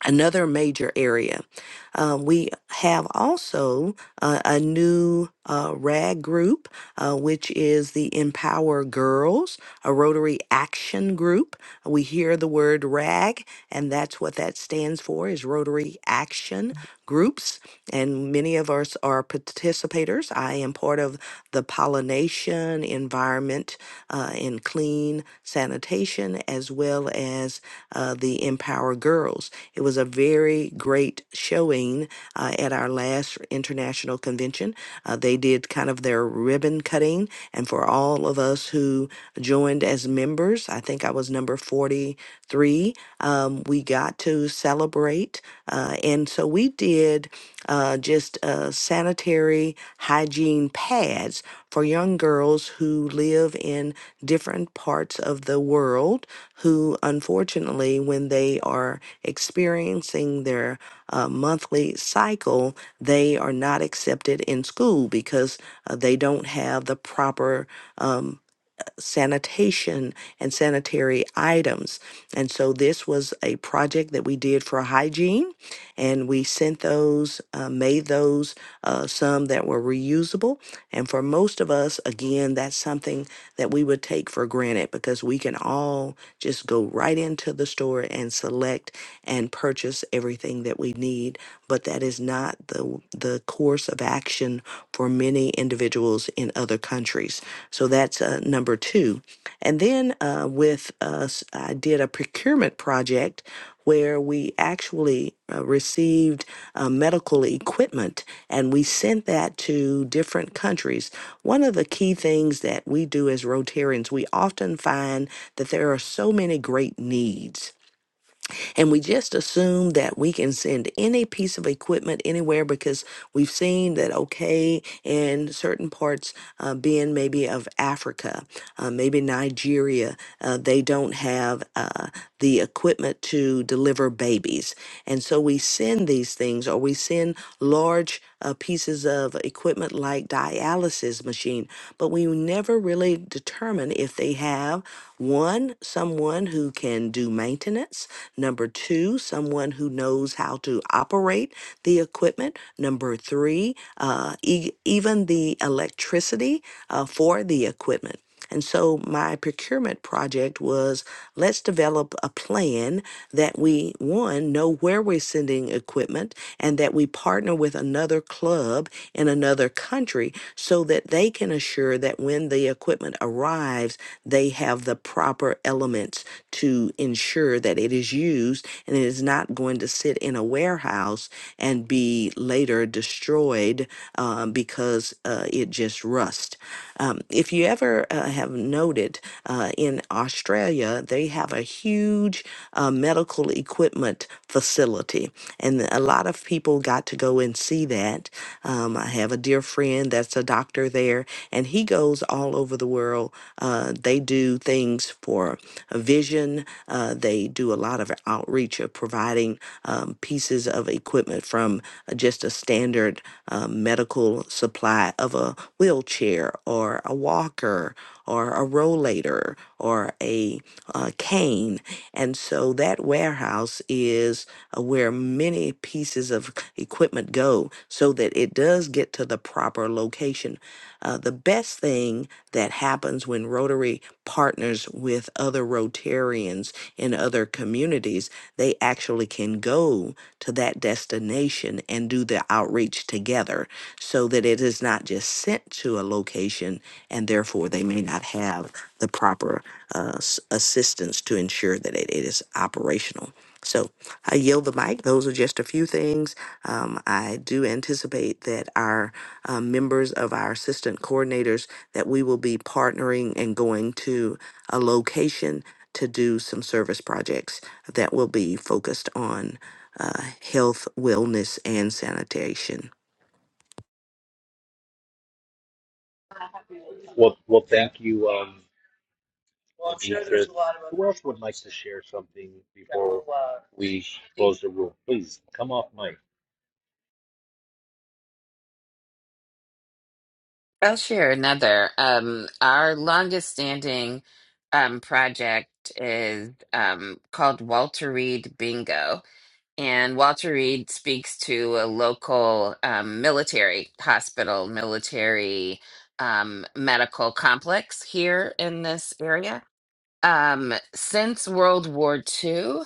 C: another major area. Uh, we have also uh, a new uh, RAG group, uh, which is the Empower Girls, a Rotary Action Group. We hear the word RAG, and that's what that stands for is Rotary Action Groups. And many of us are participators. I am part of the pollination environment uh, and clean sanitation, as well as uh, the Empower Girls. It was a very great showing uh, at our last international convention. Uh, they did kind of their ribbon cutting, and for all of us who joined as members, I think I was number 43, um, we got to celebrate. Uh, and so we did uh, just uh, sanitary hygiene pads for young girls who live in different parts of the world who, unfortunately, when they are experiencing their uh, monthly cycle, they are not accepted in school because uh, they don't have the proper um, sanitation and sanitary items. And so, this was a project that we did for hygiene, and we sent those, uh, made those, uh, some that were reusable. And for most of us, again, that's something that we would take for granted because we can all just go right into the store and select and purchase everything that we need, but that is not the the course of action for many individuals in other countries. So that's uh, number 2 and then uh, with us, I did a procurement project where we actually uh, received uh, medical equipment and we sent that to different countries. One of the key things that we do as Rotarians, we often find that there are so many great needs and we just assume that we can send any piece of equipment anywhere because we've seen that, okay, in certain parts, uh, being maybe of Africa, uh, maybe Nigeria, uh, they don't have uh, the equipment to deliver babies. And so we send these things or we send large uh, pieces of equipment like dialysis machine, but we never really determine if they have one, someone who can do maintenance, number two, someone who knows how to operate the equipment, number three, uh, e- even the electricity uh, for the equipment. And so my procurement project was let's develop a plan that we, one, know where we're sending equipment and that we partner with another club in another country so that they can assure that when the equipment arrives, they have the proper elements to ensure that it is used and it is not going to sit in a warehouse and be later destroyed um, because uh, it just rust. Um, if you ever uh, have noted uh, in Australia, they have a huge uh, medical equipment facility, and a lot of people got to go and see that. Um, I have a dear friend that's a doctor there, and he goes all over the world. Uh, they do things for vision, uh, they do a lot of outreach of providing um, pieces of equipment from uh, just a standard um, medical supply of a wheelchair or a walker or a rollator or a uh, cane. And so that warehouse is uh, where many pieces of equipment go so that it does get to the proper location. Uh, uh, the best thing that happens when Rotary partners with other Rotarians in other communities, they actually can go to that destination and do the outreach together so that it is not just sent to a location and therefore they may not have the proper uh, s- assistance to ensure that it it is operational. So I yield the mic. Those are just a few things. Um, I do anticipate that our uh, members of our assistant coordinators that we will be partnering and going to a location to do some service projects that will be focused on uh, health, wellness, and sanitation.
A: Well, well, thank you. Um, well, I'm sure Anitra. there's a lot of. Who else would like to share something before we close the room? Please come off mic.
D: I'll share another. Um, our longest standing um, project is um, called Walter Reed Bingo. And Walter Reed speaks to a local um, military hospital, military um, medical complex here in this area. Um, since World War Two,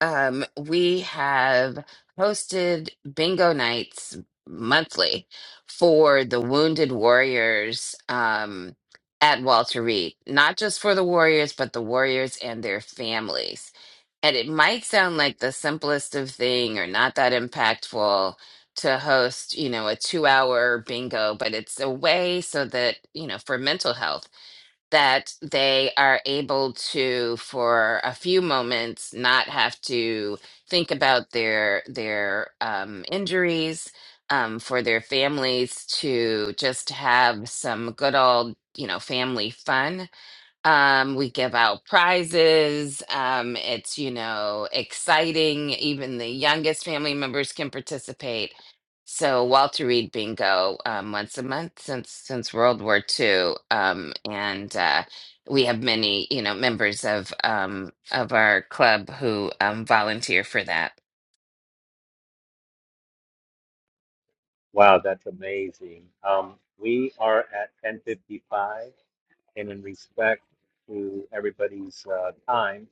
D: um, we have hosted bingo nights monthly for the wounded warriors um, at Walter Reed, not just for the warriors, but the warriors and their families. And it might sound like the simplest of thing or not that impactful to host, you know, a two hour bingo, but it's a way so that, you know, for mental health that they are able to for a few moments not have to think about their their um, injuries um, for their families to just have some good old you know family fun um, we give out prizes. Um, it's, you know, exciting. Even the youngest family members can participate. So Walter Reed Bingo um, once a month since since World War Two, um, and uh, we have many, you know, members of um, of our club who um, volunteer for that.
A: Wow, that's amazing. Um, we are at 10:55, and in respect to everybody's uh, time,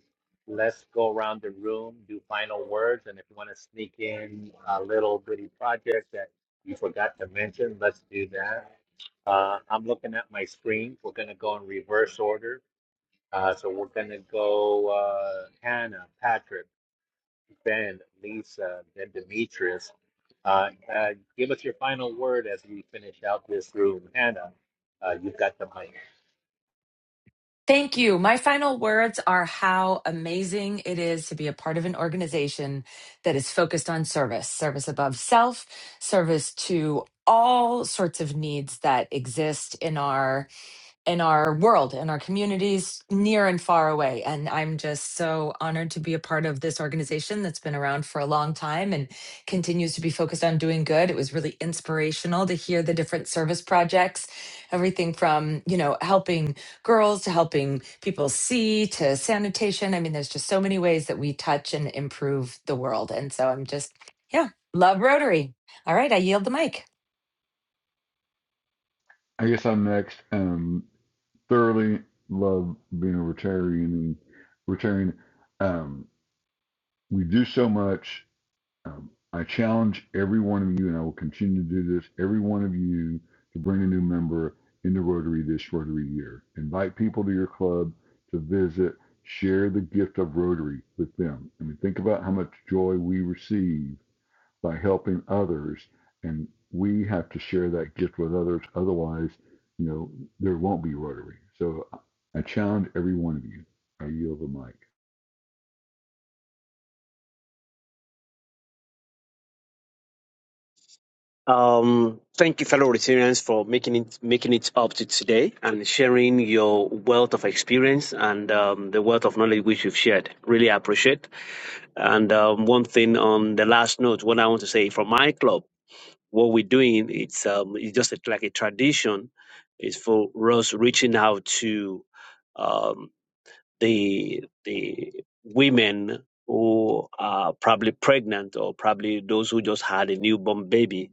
A: let's go around the room, do final words, and if you want to sneak in a little bitty project that you forgot to mention, let's do that. Uh, I'm looking at my screen. We're going to go in reverse order. Uh, so we're going to go uh, Hannah, Patrick. Ben, Lisa, and Demetrius. Uh, uh, give us your final word as we finish out this room. Hannah, uh, you've got the mic.
B: Thank you. My final words are how amazing it is to be a part of an organization that is focused on service, service above self, service to all sorts of needs that exist in our in our world, in our communities, near and far away. And I'm just so honored to be a part of this organization that's been around for a long time and continues to be focused on doing good. It was really inspirational to hear the different service projects, everything from, you know, helping girls to helping people see to sanitation. I mean, there's just so many ways that we touch and improve the world. And so I'm just, yeah, love Rotary. All right, I yield the mic.
F: I guess I'm next. Um, thoroughly love being a Rotarian. and Rotarian. Um, we do so much Um, I challenge every one of you, and I will continue to do this, every one of you to bring a new member into Rotary this Rotary year. Invite people to your club to visit, share the gift of Rotary with them. I mean, think about how much joy we receive by helping others, and we have to share that gift with others. Otherwise, you know, there won't be Rotary. So I I challenge every one of you. I yield the mic. It
E: Um, thank you, fellow Rotarians, for making it making it up to today and sharing your wealth of experience and um, the wealth of knowledge which you've shared. Really appreciate. And um, one thing on the last note, what I want to say from my club, what we're doing, it's um, it's just a, like a tradition, is for us reaching out to um, the the women who are probably pregnant or probably those who just had a newborn baby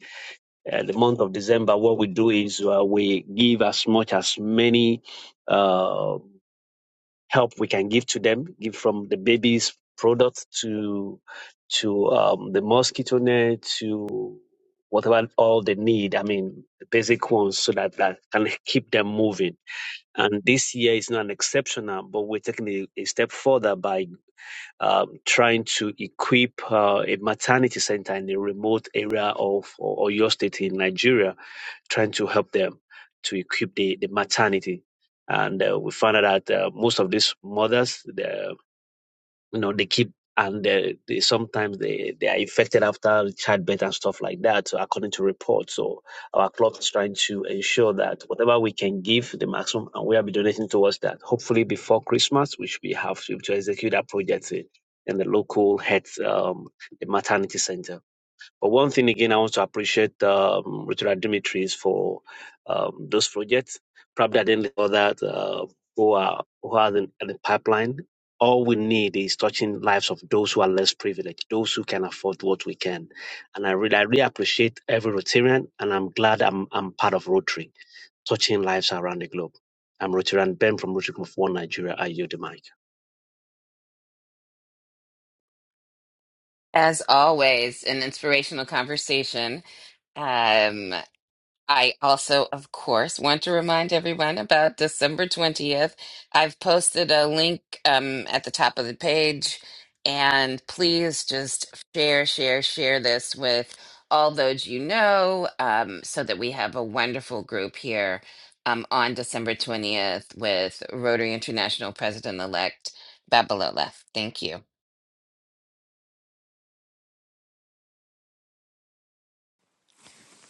E: uh, the month of December, what we do is uh, we give as much as many uh, help we can give to them, give from the baby's product to to um, the mosquito net to whatever all they need. I mean, the basic ones so that that can keep them moving. And this year is not an exceptional, but we're taking a, a step further by um, trying to equip uh, a maternity center in a remote area of O- Oyo State in Nigeria trying to help them to equip the, the maternity. And uh, we found out that uh, most of these mothers, the, you know, they keep and they, they sometimes they, they are infected after childbirth and stuff like that, so according to reports. So our club is trying to ensure that whatever we can give the maximum, and we will be donating towards that. Hopefully before Christmas, we should be have to, to execute that project in, in the local health, um, the maternity center. But one thing again, I want to appreciate um, Richard Dimitris for um, those projects. Probably I didn't know that uh, who are who are in, in the pipeline. All we need is touching lives of those who are less privileged, those who can afford what we can. And I really, I really appreciate every Rotarian, and I'm glad I'm I'm part of Rotary, touching lives around the globe. I'm Rotarian Ben from Rotary Group One Nigeria. I yield the mic.
D: As always, an inspirational conversation. Um, I also, of course, want to remind everyone about December 20th. I've posted a link um, at the top of the page, and please just share, share, share this with all those you know um, so that we have a wonderful group here um, on December 20th with Rotary International President elect Babalola. Thank you.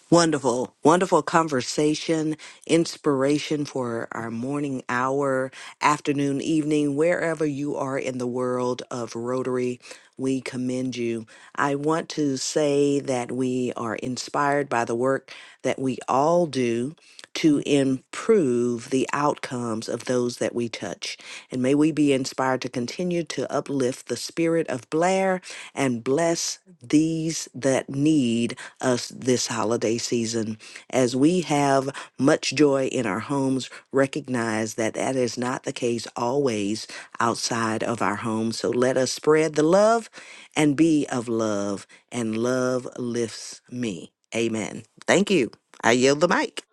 C: Wonderful, wonderful conversation, inspiration for our morning hour, afternoon, evening, wherever you are in the world of Rotary. We commend you. I want to say that we are inspired by the work that we all do to improve the outcomes of those that we touch. And may we be inspired to continue to uplift the spirit of Blair and bless these that need us this holiday season. As we have much joy in our homes, recognize that that is not the case always outside of our homes. So let us spread the love and be of love, and love lifts me. Amen. Thank you. I yield the mic.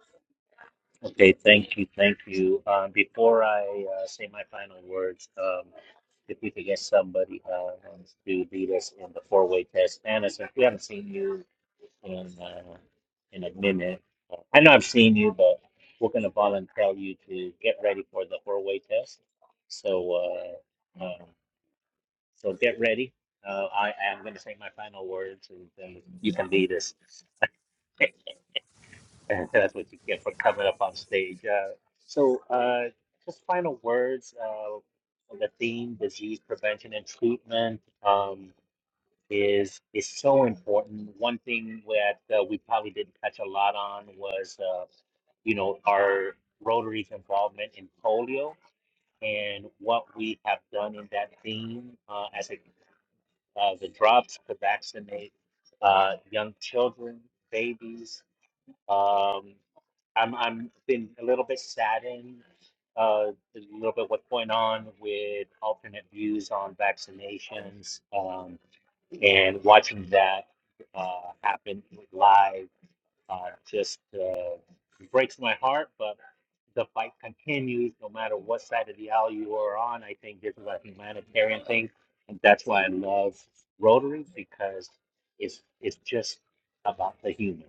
A: Okay, thank you, thank you. Um, before I uh, say my final words, um, if we could get somebody uh, to lead us in the four-way test, Hannah, since we haven't seen you in uh, in a minute, uh, I know I've seen you, but we're going to volunteer you to get ready for the four-way test. So. Uh, um, So get ready. Uh, I am going to say my final words, and then you can lead us. That's what you get for coming up on stage. Uh, so, uh, just final words. Uh, the theme, disease prevention and treatment, um, is is so important. One thing that uh, we probably didn't touch a lot on was, uh, you know, our Rotary's involvement in polio and what we have done in that theme uh, as it uh, the drops to vaccinate uh, young children, babies. Um, I'm I'm been a little bit saddened uh, a little bit what's going on with alternate views on vaccinations um, and watching that uh, happen live. Uh, just uh, breaks my heart, but the fight continues no matter what side of the aisle you are on. I think this is a humanitarian thing, and that's why I love Rotary because it's it's just about the human.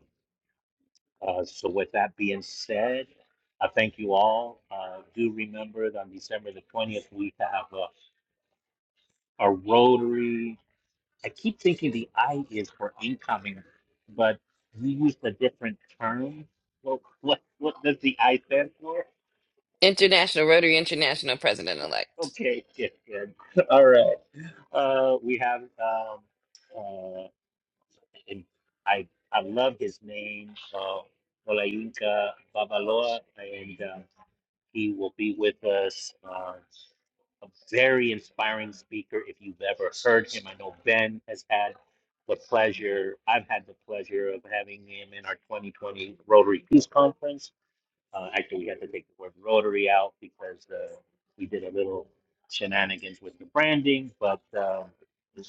A: Uh, so with that being said, I thank you all. Uh, do remember that on December the twentieth we have uh, a Rotary. I keep thinking the I is for incoming, but you used a different term. Well, what what does the I stand for?
D: International Rotary International President elect.
A: Okay, good, good. All right. Uh, we have um, uh, and I I love his name, uh, Olayinka Babaloa, and um, he will be with us. Uh, a very inspiring speaker. If you've ever heard him, I know Ben has had the pleasure, I've had the pleasure of having him in our 2020 Rotary Peace Conference. Uh, actually, we had to take the word Rotary out because uh, we did a little shenanigans with the branding, but um,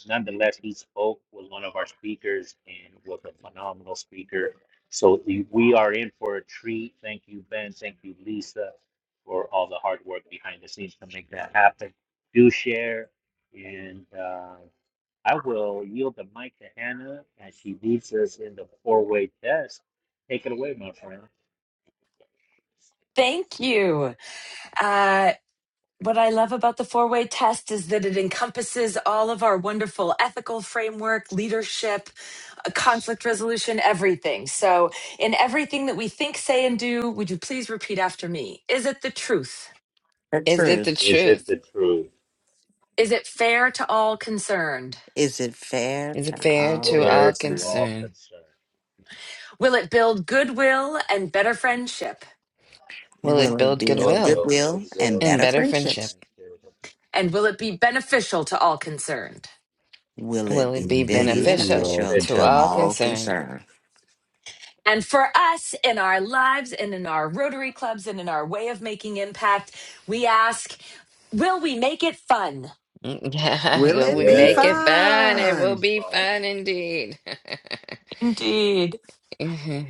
A: nonetheless, he spoke, was one of our speakers, and was a phenomenal speaker. So we we are in for a treat. Thank you, Ben. Thank you, Lisa, for all the hard work behind the scenes to make that happen. Do share, and uh, I will yield the mic to Hannah as she leads us in the four-way test. Take it away, my friend.
B: Thank you. Uh, what I love about the four way test is that it encompasses all of our wonderful ethical framework, leadership, uh, conflict resolution, everything. So, in everything that we think, say, and do, would you please repeat after me? Is it the truth?
C: The
D: Is it the
C: truth.
A: Is it
D: truth?
A: the truth?
B: Is it fair to all concerned?
C: Is it fair
D: Is it
C: to
D: fair to
C: all
D: all
A: fair to
C: concerned?
A: all
D: concerned?
A: concerned.
B: Will it build goodwill and better friendship?
D: Will it
C: Will it
D: build
A: Will it
C: build
D: goodwill
A: build
C: goodwill
A: goodwill
C: and
D: and
A: and
C: better
D: better
A: better
D: friendship?
C: friendships?
A: friendship?
B: And will it be beneficial to all concerned?
C: Will it
D: Will it
F: Would
C: be
D: be
F: be
A: Will it be
F: beneficial to
D: beneficial
F: all
C: beneficial
D: to
C: to
A: beneficial
D: all
A: to
F: concerned.
C: all
A: all
D: concerned?
A: concerned?
C: concerned?
B: And for us in our lives and in our Rotary clubs and in our way of making impact, we ask, Will we make it fun?
C: Will
D: will
C: it
D: we
C: be
D: make it
A: Yes,
D: fun? It
A: it
D: will
A: is
C: fun?
D: be
A: by
D: fun indeed.
B: Indeed.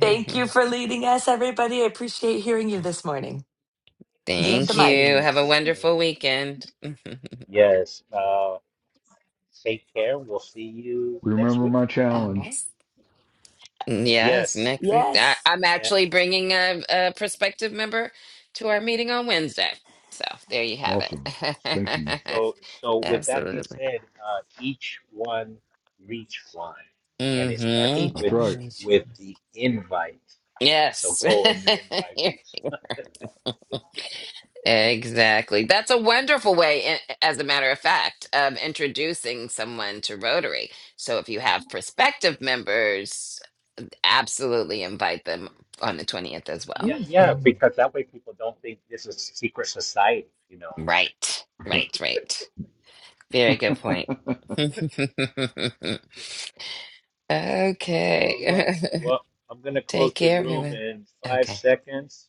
B: Thank you for leading us, everybody. I appreciate hearing you this morning.
C: Thank
B: Yield the
D: Thank
B: mic.
D: you.
C: you.
D: Have a
A: Say
D: wonderful weekend.
A: yes. Uh, take care. We'll see you next
F: Remember
A: week.
F: my
B: All
F: challenge.
B: right.
D: yes,
A: Yes.
D: next week. I,
B: Yes.
D: I'm
A: Yeah.
D: actually bringing a, a prospective member to our meeting on Wednesday. So there you have it.
F: Awesome. Thank you.
A: So, so with that being
D: Absolutely.
A: said, uh, each one reach one, and it starts
D: Mm-hmm.
F: I
A: with
F: tried.
B: H1, H
A: with
B: one,
A: the invite. So
D: Yes.
A: go and invite
D: You're
A: people.
D: Exactly. That's a wonderful way, i- as a matter of fact, of introducing someone to Rotary. So if you have prospective members, absolutely invite them on the 20th as well.
A: Yeah,
B: H
A: yeah,
B: one.
A: because that way people don't think this is a secret society, you know.
D: Right,
F: I
D: right, right. Very good point.
F: tried.
A: All right.
D: okay.
A: Well, I'm going to close
D: Take
A: the
D: care,
A: room
D: everyone.
A: in five
D: Okay.
A: seconds.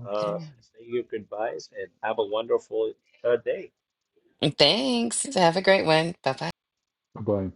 D: Okay.
A: Uh, say your goodbyes and have a wonderful uh, day.
D: Thanks. Have a great one. Bye bye.
F: Bye.